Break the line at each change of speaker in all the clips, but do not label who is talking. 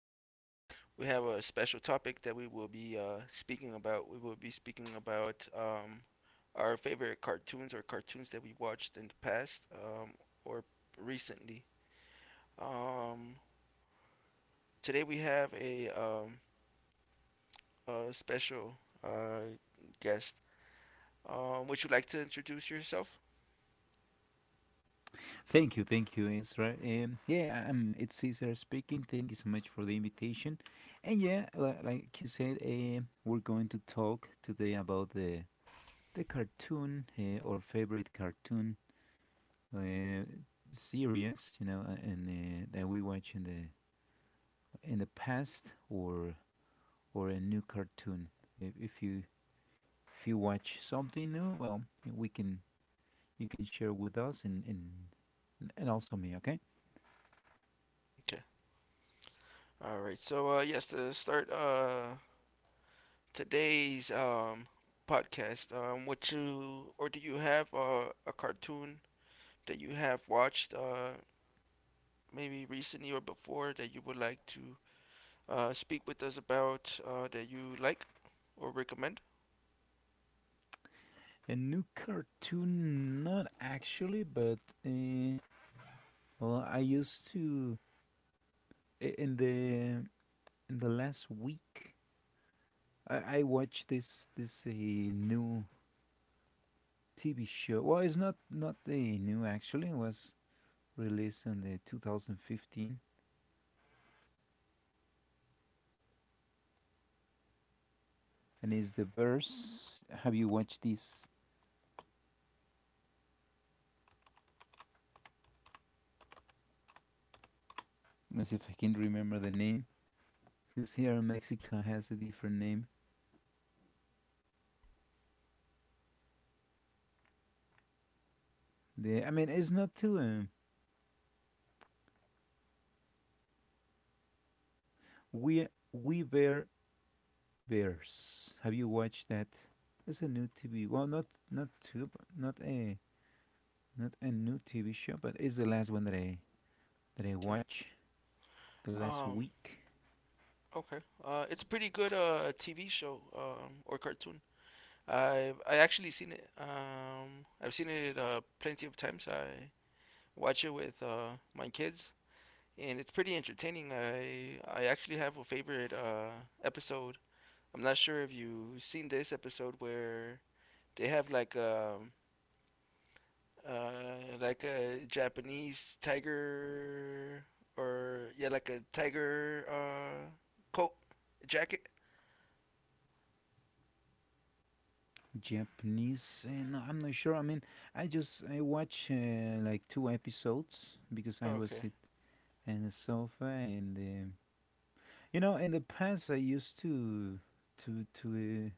Today we have a special topic that we will be speaking about. We will be speaking about our favorite cartoons or cartoons that we watched in the past or recently. Um, Today we have a a special uh, guest. Would you like to introduce yourself?
Thank you, Ezra. Yeah, it's Cesar speaking. Thank you so much for the invitation. And yeah, like you said, we're going to talk today about the cartoon or favorite cartoon uh, series, you know, and that we watch in the past or a new cartoon. If, if you if you watch something new, well, we can you can share with us and also me, okay?
Okay. All right. So yes, to start today's podcast. What you or Do you have a cartoon that you have watched maybe recently or before that you would like to speak with us about, that you like or recommend?
A new cartoon, not actually, but uh, well, I used to eh, in the in the last week I watched this new TV show. Well, it's not new actually. It was released in the 2015, and it's the verse. Have you watched this? Let's see if I can remember the name. Because here in Mexico has a different name. The I mean, it's not too. We We Were Bears. Have you watched that? It's a new TV. Well, not tube, not a not a new TV show, but it's the last one that I
Okay.
watch the last
Um.
week.
Okay. It's a pretty good TV show or cartoon. I actually seen it. I've seen it plenty of times. I watch it with my kids, and it's pretty entertaining. I actually have a favorite episode. I'm not sure if you've seen this episode where they have like a Japanese tiger, or yeah, like a tiger coat jacket.
Japanese, eh, no, I'm not sure. I mean, I watch like two episodes because I was
Okay,
sit on the sofa and you know in the past I used to to to uh,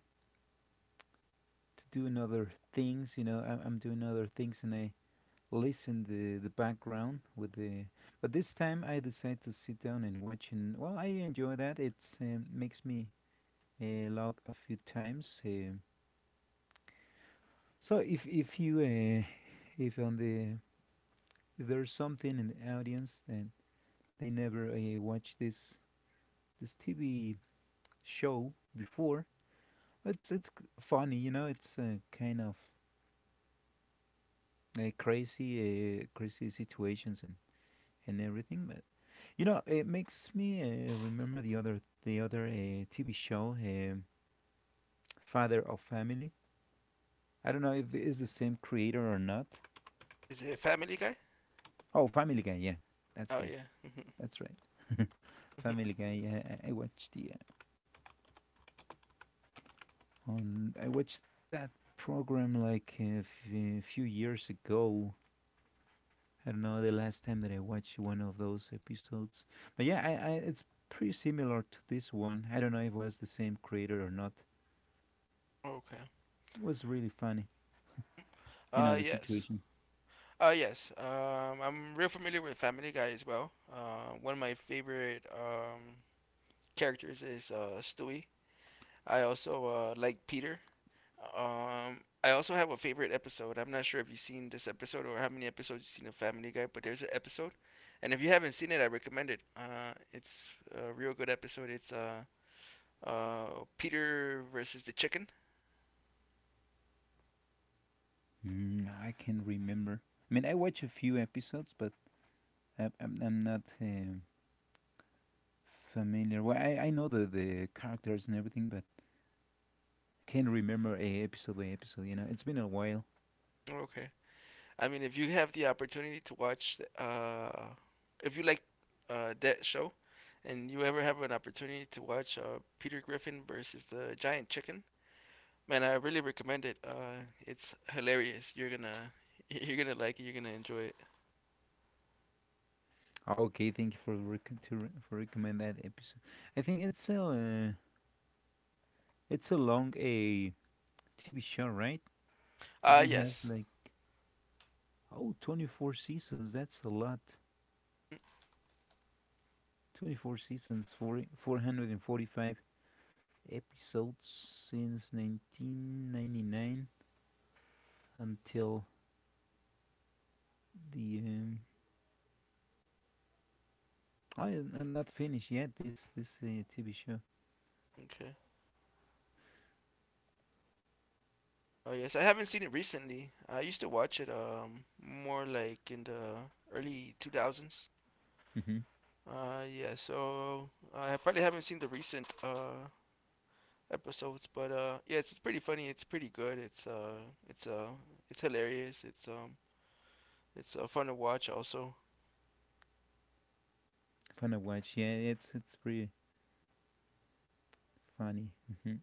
to do another things. You know, I'm doing other things and I listen the background with the. But this time I decided to sit down and watch, and well, I enjoy that. It's makes me log a few times. So if you if on the if there's something in the audience that they never watched this TV show before, it's funny, you know. It's kind of crazy situations and everything. But you know, it makes me remember the other TV show, Father of Family. I don't know if it's the same creator or not.
is it Family Guy?
Oh, Family Guy. Yeah, that's
Oh
guy.
yeah.
That's right. Family Guy. Yeah, I watched the on. I watched that program like few years ago. I don't know the last time that I watched one of those episodes. But yeah, it's pretty similar to this one. I don't know if it was the same creator or not.
Okay.
It was really funny. You know the
Yes.
situation.
Yes. I'm real familiar with Family Guy as well. One of my favorite characters is Stewie. I also like Peter. I also have a favorite episode. I'm not sure if you've seen this episode or how many episodes you've seen of Family Guy, but there's an episode, and if you haven't seen it, I recommend it. It's a real good episode. It's Peter versus the chicken.
Mm, I can remember. I mean, I watch a few episodes, but I'm not familiar. Well, I know the characters and everything, but can't remember a episode by episode. You know, it's been a while.
Okay. I mean, if you have the opportunity to watch, if you like that show, and you ever have an opportunity to watch Peter Griffin versus the giant chicken, man, I really recommend it. It's hilarious. You're gonna, you're gonna like it. You're gonna enjoy it.
Oh, okay, thank you for recommend that episode. I think it's a long a TV show, right? This one has
Yes.
like oh 24 seasons. That's a lot.
Mm.
24 seasons, 40, 445 episodes since 1999 until the. I am not finished yet. This TV show.
Okay. Oh yes, I haven't seen it recently. I used to watch it more like in the early 2000s.
Mm-hmm.
Yeah. So I probably haven't seen the recent episodes, but yeah, it's pretty funny. It's pretty good. It's it's hilarious. It's fun to watch also.
Fun to watch. Yeah, it's pretty funny. Mm-hmm.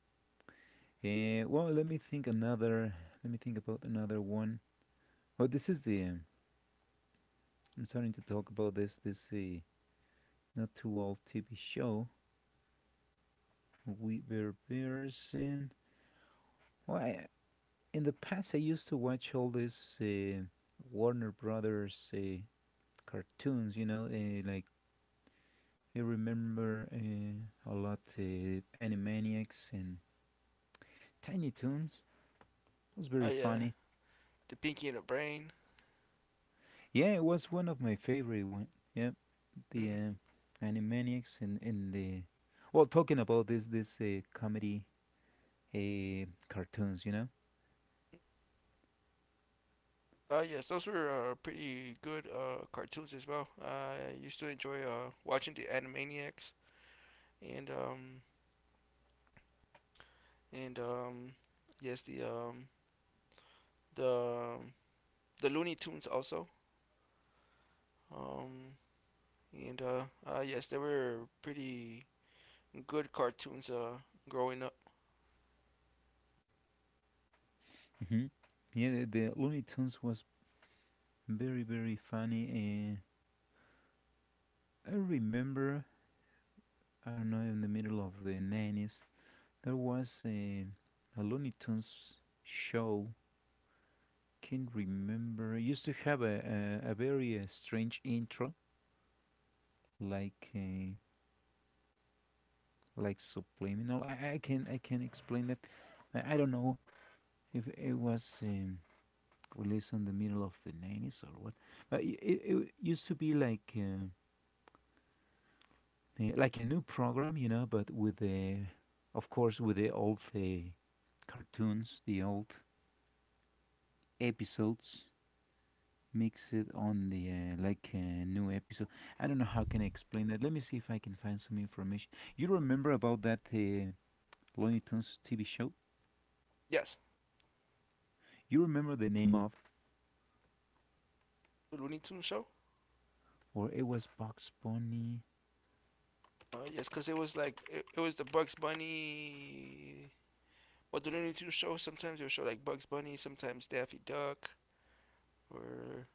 Let me think another. Let me think about another one. Oh, this is the. I'm starting to talk about this. This not too old TV show. We were bears in. Well, in the past, I used to watch all this Warner Brothers cartoons, you know, like I remember a lot Animaniacs and Tiny Toons. It was
Oh
very
yeah,
funny.
the Pinky and the Brain.
Yeah, it was one of my favorite one. Yeah, the
Mm.
Animaniacs and the well, talking about this comedy cartoons, you know.
Yes, those were pretty good cartoons as well. I used to enjoy watching the Animaniacs and um, and yes, the the Looney Tunes also. Um, and Yes, they were pretty good cartoons growing up.
Hmm. Yeah, the Looney Tunes was very very funny. I remember, I don't know, in the middle of the 90s, there was a Looney Tunes show can remember. It used to have a very strange intro, like uh, like subliminal. I can explain that. I don't know if it was released in the middle of the 90s or what, but it used to be like a new program, you know, but with the of course with the old cartoons, the old episodes mix it on the like new episode. I don't know how can I explain that. Let me see if I can find some information. You remember about that Looney Tunes TV show?
Yes,
You remember the name of,
the Looney Tunes show.
or it was Bugs Bunny?
Yes, because it was like it was the Bugs Bunny. Well, the Looney Tunes show sometimes it would show like Bugs Bunny, sometimes Daffy Duck, or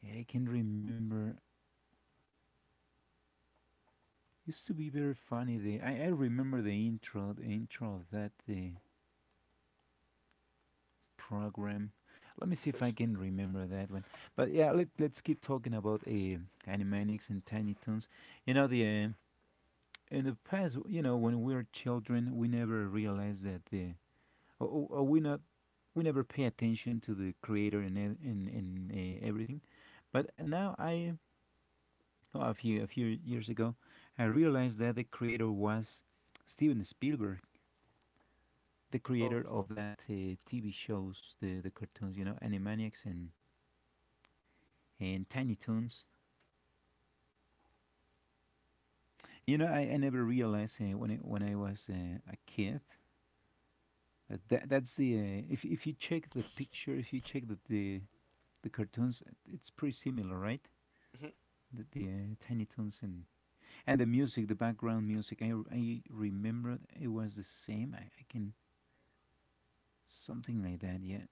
Yeah, I can remember. Used to be very funny. I remember the intro of that program. Let me see if I
yes.
can remember that one. But yeah, let's keep talking about Animaniacs and Tiny Toons. You know the in the past, you know, when we were children, we never realized that the or we not we never pay attention to the creator and everything. But a few years ago, I realized that the creator was Steven Spielberg, the
Oh,
creator
okay.
of that TV shows, the cartoons, you know, Animaniacs and Tiny Toons. You know, I never realized when I was a kid. That's the if you check the picture, if you check the cartoons, it's pretty similar, right?
Mhm.
The Tiny Toons and the music, the background music, I remember it was the same. I can Something like that, yeah.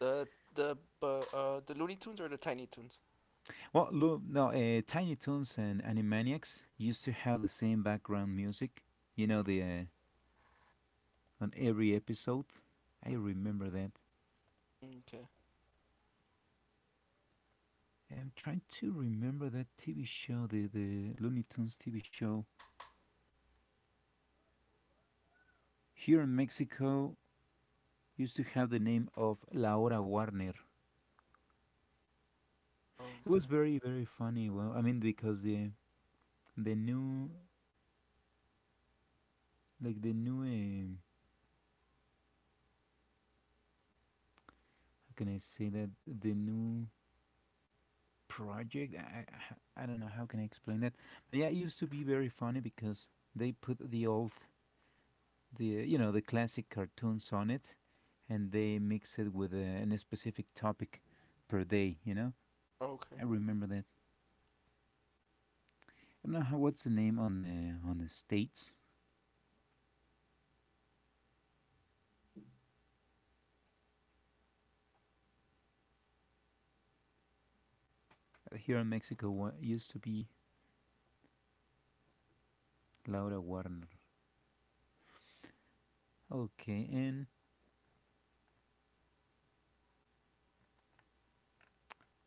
The the the Looney Tunes or the Tiny Tunes?
well look no Tiny Toons and Animaniacs used to have the same background music, you know, the on every episode. I
Mm-hmm.
remember that.
Okay.
I'm trying to remember that TV show, the Looney Tunes TV show. Here in Mexico used to have the name of La Hora Warner. It was
Okay.
very very funny. Well, I mean because the new like the new how can I say that, the new project, I don't know how can I explain that. But yeah, it used to be very funny because they put the old, the, you know, the classic cartoons on it, and they mix it with a, an specific topic per day. You know,
Okay.
I remember that. I don't know how, what's the name on the states. Here in Mexico, what used to be Laura Warner. Okay, and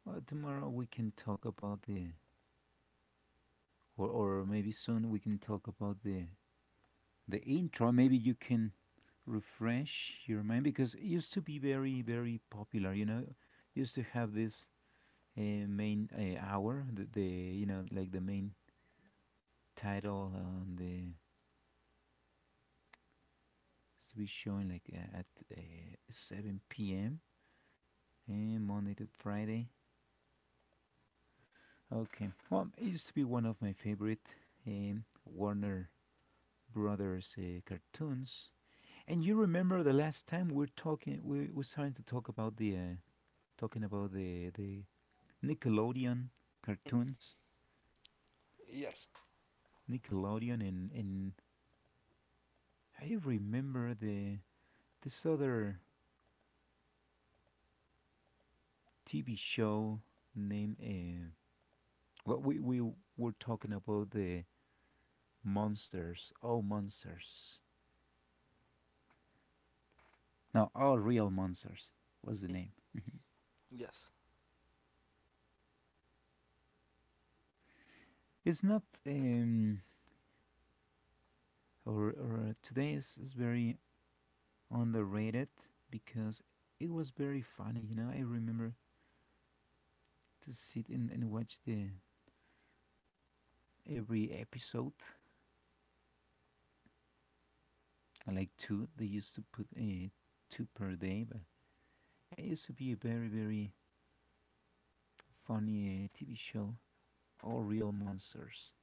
well, tomorrow we can talk about the, or maybe soon we can talk about the intro. Maybe you can refresh your mind because it used to be very very popular. You know, used to have this uh, main hour, the, you know, like the main title on the used to be showing like at uh, 7 p.m. and Monday to Friday. Okay, well, it used to be one of my favorite Warner Brothers cartoons. And you remember the last time we're talking, we were starting to talk about the talking about the Nickelodeon
Mm.
cartoons,
Yes.
Nickelodeon, and I remember the this other TV show named. Well, we were talking about the monsters. Oh, monsters! No, oh, real monsters. What's the
Mm.
name?
Yes.
It's not. Or today is very underrated because it was very funny. You know, I remember to sit and watch the every episode, like two. They used to put two per day, but it used to be a very very funny TV show. All real monsters.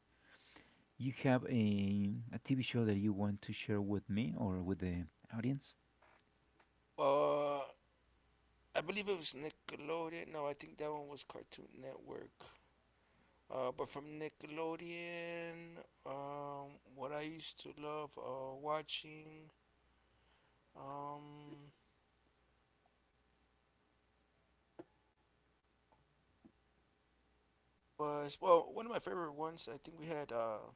You have a TV show that you want to share with me or with the audience?
Uh, I believe it was Nickelodeon. No, I think that one was Cartoon Network. But from Nickelodeon, what I used to love watching um was well one of my favorite ones. I think we had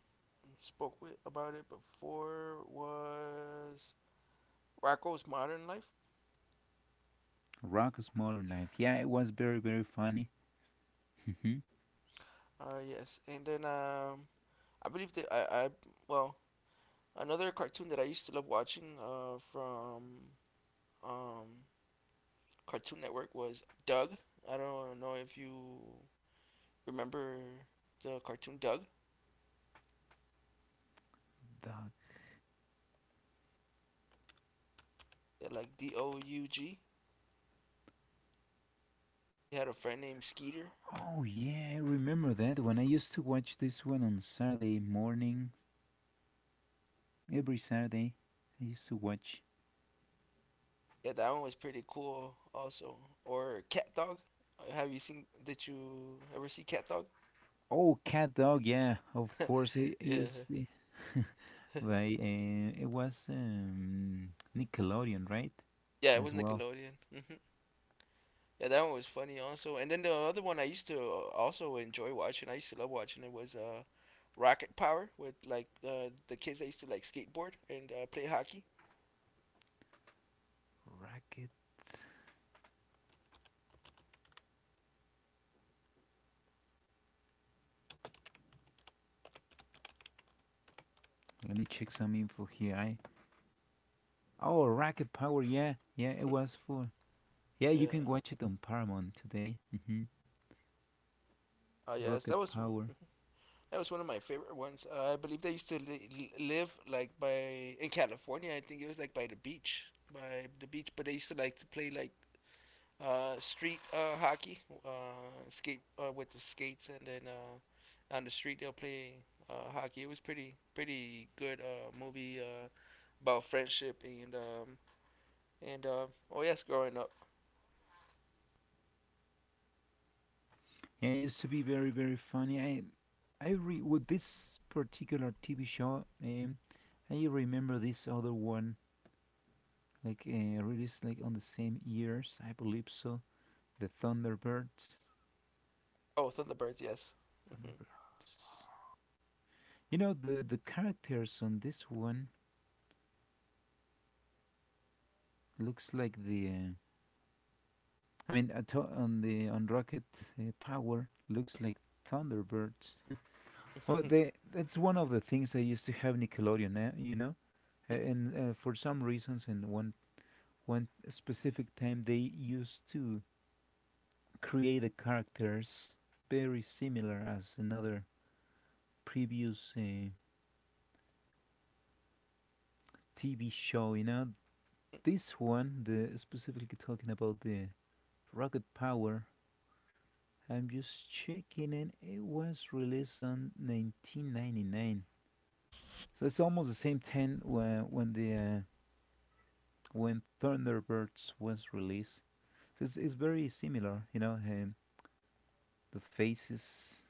spoke with about it before was Rocco's Modern Life.
Rocko's Modern Life. Yeah, it was very very funny.
Yes, and then I believe that I well another cartoon that I used to love watching from um Cartoon Network was Doug. I don't know if you remember the cartoon Doug,
Dog.
yeah, like Doug. He had a friend named Skeeter.
Oh yeah, I remember that when I used to watch this one on Saturday morning. Every Saturday, I used to watch.
Yeah, that one was pretty cool also. Or Cat Dog. Have you seen? Did you ever see Cat Dog?
Oh, Cat Dog, yeah, of course. It
Yeah,
used to- like it was Nickelodeon, right?
yeah, it was
As well.
Nickelodeon. Yeah, that one was funny also. And then the other one I used to also enjoy watching. I used to love watching it was Rocket Power with like the kids that used to like skateboard and play hockey.
Racket. Let me check some info here. I Oh, Racket Power, yeah, yeah. It was for yeah. You can
Yeah.
watch it on Paramount today. Hmm.
Oh yes,
Rocket Power.
that was one of my favorite ones. I believe they used to live like by in California. I think it was like by the beach. But they used to like to play like street hockey, skate with the skates, and then on the street they'll play hockey. It was pretty good movie about friendship and oh yes, growing up.
Yeah, it used to be very very funny. With this particular TV show, I remember this other one like released like on the same years, I believe so. The Thunderbirds,
Oh, Thunderbirds, yes.
Thunderbirds. You know the characters on this one looks like the. I mean, uh, on Rocket Power looks like Thunderbirds. Well,
Hmm.
they that's one of the things they used to have Nickelodeon. Eh, you know, and for some reasons, in one specific time, they used to create the characters very similar as another previous TV show, you know. This one, the specifically talking about the rocket power, I'm just checking and it was released on 1999. So it's almost the same time when the when Thunderbirds was released. So it's very similar, you know, the faces,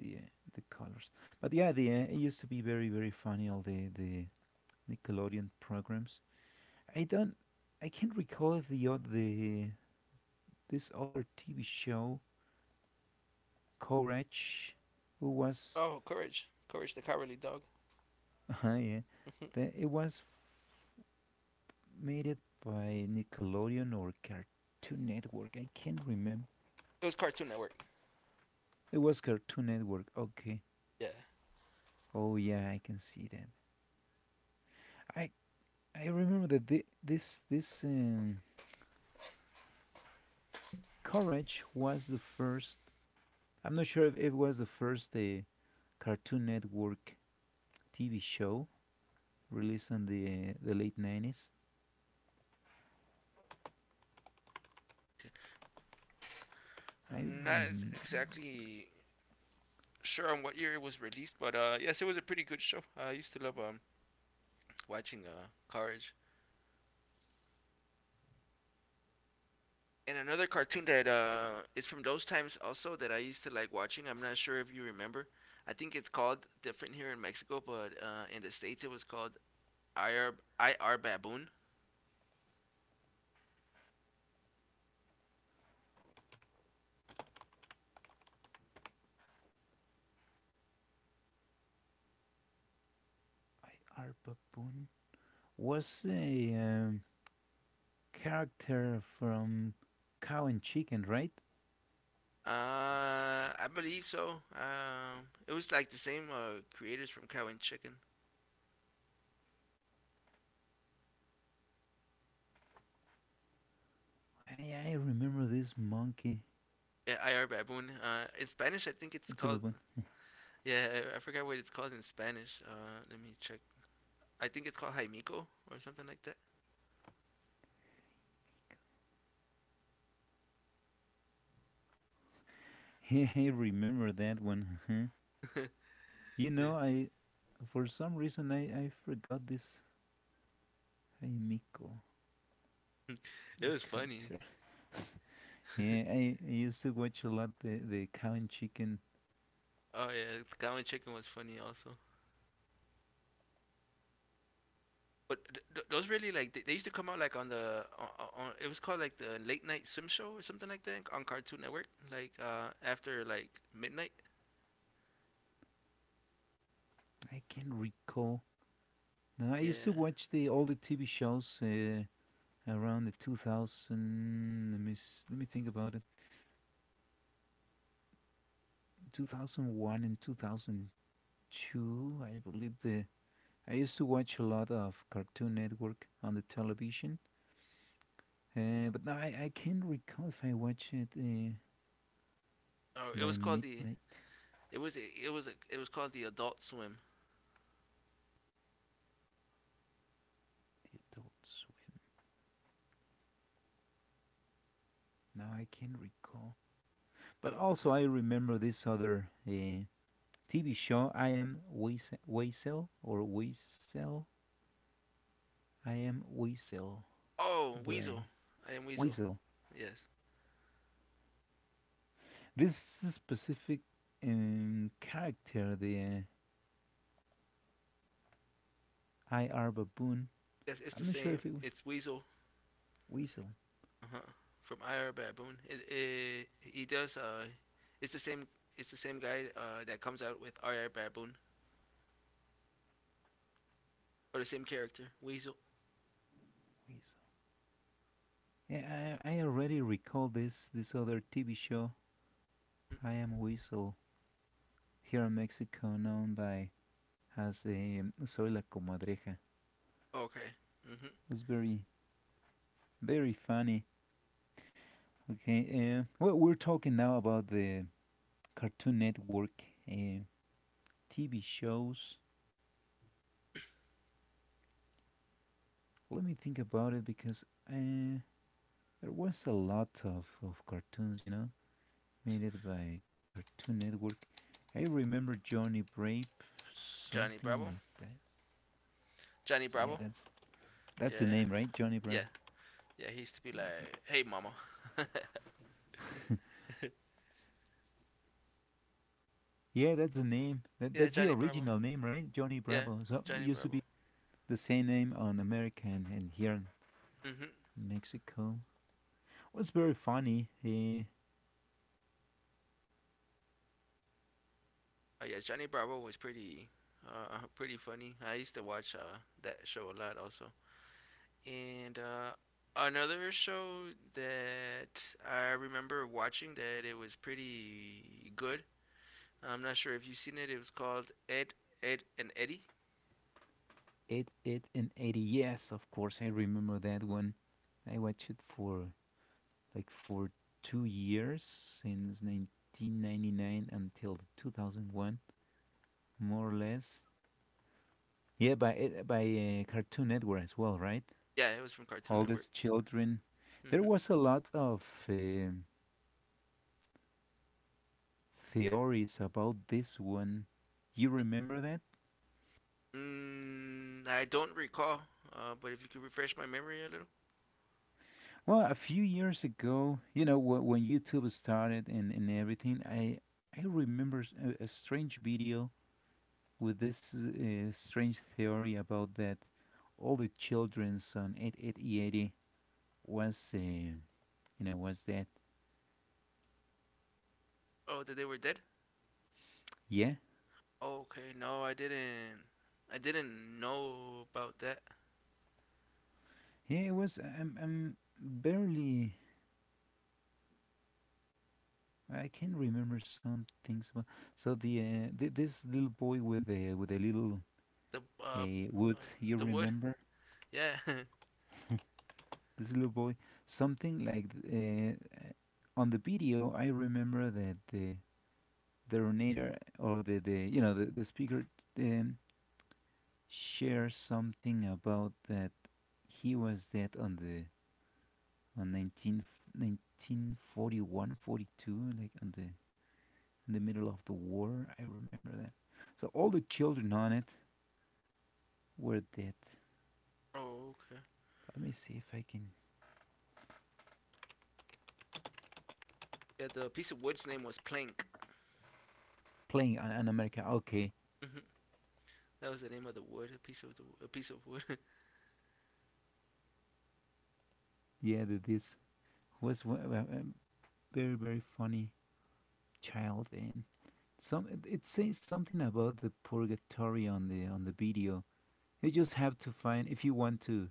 the uh, the colors. But yeah, the it used to be very, very funny all the Nickelodeon programs. I don't, I can't recall if the oth- the this other TV show, Courage, who was,
Oh, Courage, Courage the Cowardly Dog.
yeah, that it was made it by Nickelodeon or Cartoon Network. I can't remember.
It was Cartoon Network.
It was Cartoon Network. Okay.
Yeah,
Oh yeah, I can see that. I I remember that thi- this Courage was the first. I'm not sure if it was the first Cartoon Network TV show released in the late 90s. I
I'm not
remember.
exactly sure on what year it was released, but yes, it was a pretty good show. I used to love watching Courage, and another cartoon that is from those times also that I used to like watching. I'm not sure if you remember. I think it's called different here in Mexico, but in the states it was called IR Baboon.
I are Baboon was a character from Cow and Chicken, right?
I believe so. It was like the same creators from Cow and Chicken.
I remember this monkey.
Yeah, IR Baboon. In Spanish, I think it's
It's a
called.
Baboon.
Yeah, I forgot what it's called in Spanish. Let me check. I think it's called Jaimico or something like
I remember that one. Huh?
that.
you know, I For some reason I forgot this Jaimico,
It
this
was funny.
character. Yeah, I used to watch a lot the Cow and Chicken.
Oh yeah, Cow and Chicken was funny also. But those really like they used to come out like on on it was called like the late night swim show or something like that on Cartoon Network like after like midnight.
I can't recall. No, I used to
Yeah.
watch the all the TV shows, around the 2000. Let me think about it. 2001 and 2002, I believe, the I used to watch a lot of Cartoon Network on the television, but now I can't recall if I watched it,
Oh, it
by
was called the
midnight.
it was it was called the Adult Swim.
The Adult Swim. Now I can't recall. But
Okay.
also I remember this other TV show, I Am Weasel, or Weasel. I Am Weasel.
Oh, Weasel.
By
I am Weasel.
Weisel.
Yes.
This specific character, the I.R. Baboon.
Yes, it's the
I'm not sure
same.
if it was
It's Weasel.
Weasel.
Uh huh. From Ira Baboon. It He does it's the same it's the same guy that comes out with Ira Baboon. Or the same character, Weasel.
Weasel. Yeah, I already recall this other TV show,
Mm.
I Am Weasel, here in Mexico, known by as a Soy la Comadreja. It
Okay. Hmm.
was very, very funny. Okay, well, we're talking now about the Cartoon Network, uh, TV shows. Let me think about it, because uh, there was a lot of cartoons. Made it by Cartoon Network. I remember Johnny Brave,
Johnny
something
Bravo.
like that.
Johnny
Yeah,
Bravo.
that's the
Yeah.
name, right? Johnny Bravo.
Yeah. Yeah. He used to be like, "Hey, mama."
Yeah, that's the name. That,
Yeah,
that's the
Johnny Bravo.
original name, right? Johnny
Yeah,
Bravo. So it
Johnny
used to
Bravo.
be the same name on America and here in
Mhm.
Mexico. What's very funny?
Oh yeah, Johnny Bravo was pretty, pretty funny. I used to watch that show a lot also. And another show that I remember watching that it was pretty good. I'm not sure if you've seen it. It was called Ed and Eddie.
Eight, eight, and eighty. Yes, of course, I remember that one. I watched it for like for 2 years, since 1999 until 2001. More or less. Yeah, by Cartoon Network as well, right?
Yeah, it was from Cartoon
All
Network.
these children. There
Mhm.
was a lot of um theories about this one. You remember that?
Mm, I don't recall. But if you could refresh my memory a little.
Well, a few years ago, when YouTube started and everything, I remember a strange video with this strange theory about that all the children's on 8880 was, uh, you was that.
Oh, that they were dead.
Yeah.
Okay, no, I didn't. I didn't know about that.
Yeah, it was. I'm barely. I can remember some things about. So this little boy with the with a little,
The uh,
wood.
uh,
You
the wood.
remember
Yeah.
this little boy? Something like, uh, on the video. I remember that the donator, or the you know the speaker, um, shares something about that he was dead on the on nineteen forty one forty two, like on the in the middle of the war. I remember that. So all the children on it were dead.
Oh, okay.
Let me see if I can
Yeah, the piece of wood's name was plank.
playing on America. Okay,
That was the name of the wood. A piece of wood.
yeah, this was a very, very funny child, and some it says something about the purgatory on the video. You just have to find if you want to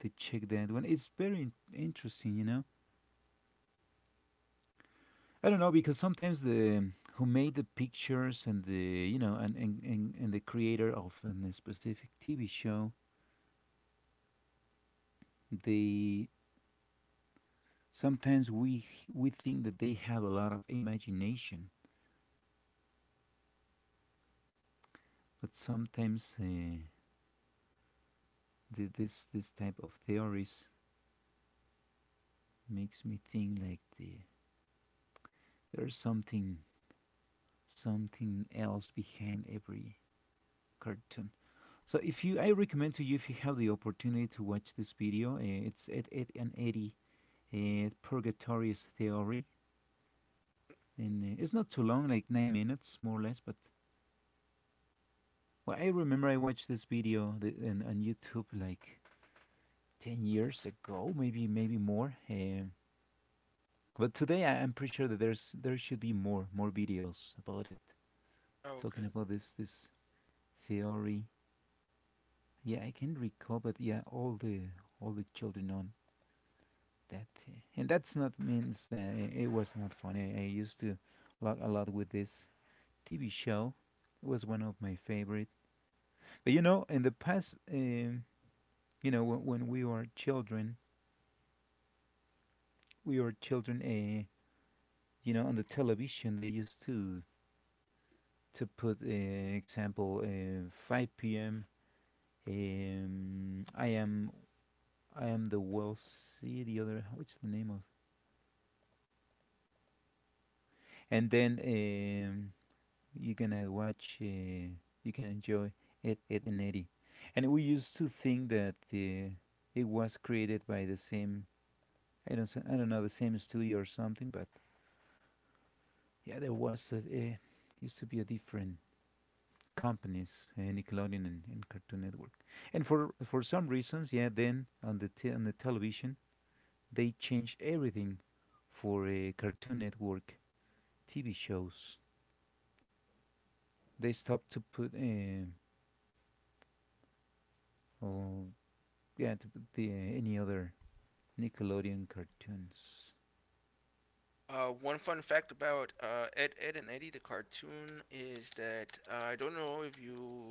to check that one. It's very interesting. I don't know, because sometimes the who made the pictures and the you know and the creator of a specific TV show, they sometimes we think that they have a lot of imagination, but sometimes the, this type of theories makes me think like, there's something else behind every cartoon. So if you, I recommend to you, if you have the opportunity to watch this video, it's at Ed and Eddie, Purgatorious Theory, and it's not too long, like 9 minutes more or less. But, well, I remember I watched this video, on YouTube like 10 years ago, maybe more. But today, I'm pretty sure that there should be more videos about it,
Oh, okay.
talking about this theory. Yeah, I can recall, but yeah, all the children on that, and that's not means that it was not funny. I used to log a lot with this TV show. It was one of my favorite. But, in the past, when, we were children, we were children. On the television, they used to put, example, 5 p.m. Um, I am I am the, well, see the other, what's the name of, and then, you're gonna watch, you can enjoy it at an 80, and we used to think that the it was created by the same, I don't know, the same studio or something, but yeah, there was a, used to be a different companies, Nickelodeon and Cartoon Network. And for some reasons, yeah, then on on the television they changed everything for, Cartoon Network TV shows. They stopped to put, oh, yeah, to put the, any other Nickelodeon cartoons.
One fun fact about Ed Ed and Eddie the cartoon is that I don't know if you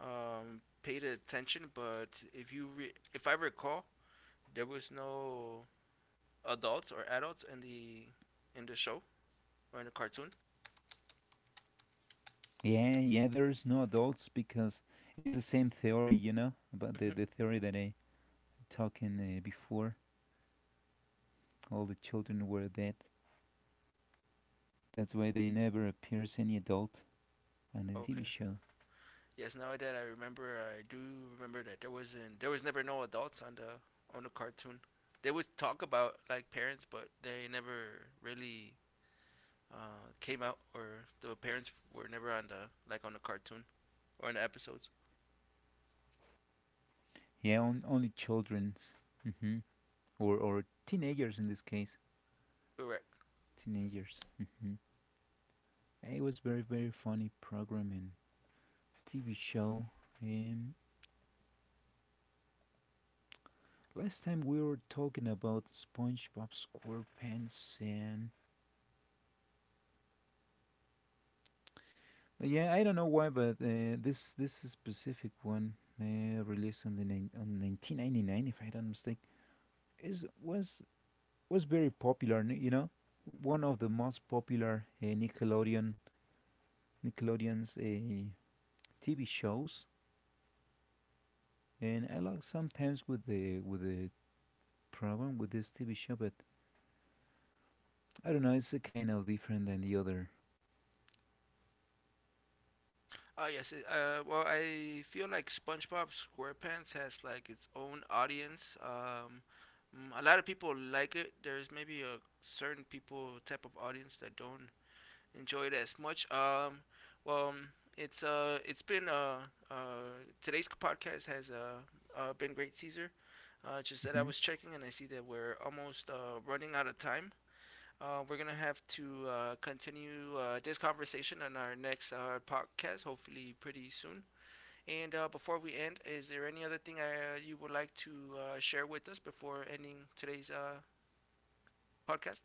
paid attention, but if you if I recall, there was no adults or adults in the show or in the cartoon.
Yeah, yeah, there's no adults, because it's the same theory, about the,
Hmm.
the theory that I talking, before. All the children were dead. That's why they never appears any adult on the
Okay.
TV show.
Yes, now that I remember, I do remember that there was never no adults on the cartoon. They would talk about like parents, but they never really came out, or the parents were never on the like on the cartoon or in the episodes.
Yeah, only children's. Hmm. Or teenagers, in this case.
Correct.
Teenagers. Hmm. It was very, very funny program and TV show. Um, Last time we were talking about SpongeBob SquarePants and. Yeah, I don't know why, but this specific one, released on the nine on 1999, if I don't mistake, is was very popular. One of the most popular, Nickelodeon's TV shows, and I like sometimes with the program with this TV show, but I don't know, it's a kind of different than the other.
Oh yes, it, well, I feel like SpongeBob SquarePants has like its own audience. A lot of people like it. There's maybe a certain people type of audience that don't enjoy it as much. Well, um, it's been uh today's podcast has been great, Caesar. Just that I
Hmm.
was checking and I see that we're almost running out of time. We're gonna have to continue this conversation on our next podcast, hopefully pretty soon. And before we end, is there any other thing you would like to share with us before ending today's podcast?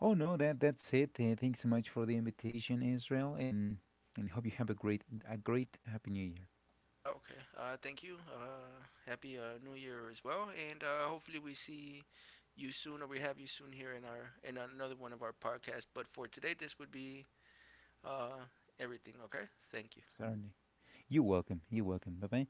Oh no, that's it. Thanks so much for the invitation, Israel, and hope you have a great, happy New Year.
Okay. Thank you. Happy New Year as well, and hopefully we see you soon, or we have you soon here in our in another one of our podcasts. But for today, this would be uh, everything. Okay. Thank you.
Certainly, you're welcome. You're welcome. Bye, bye.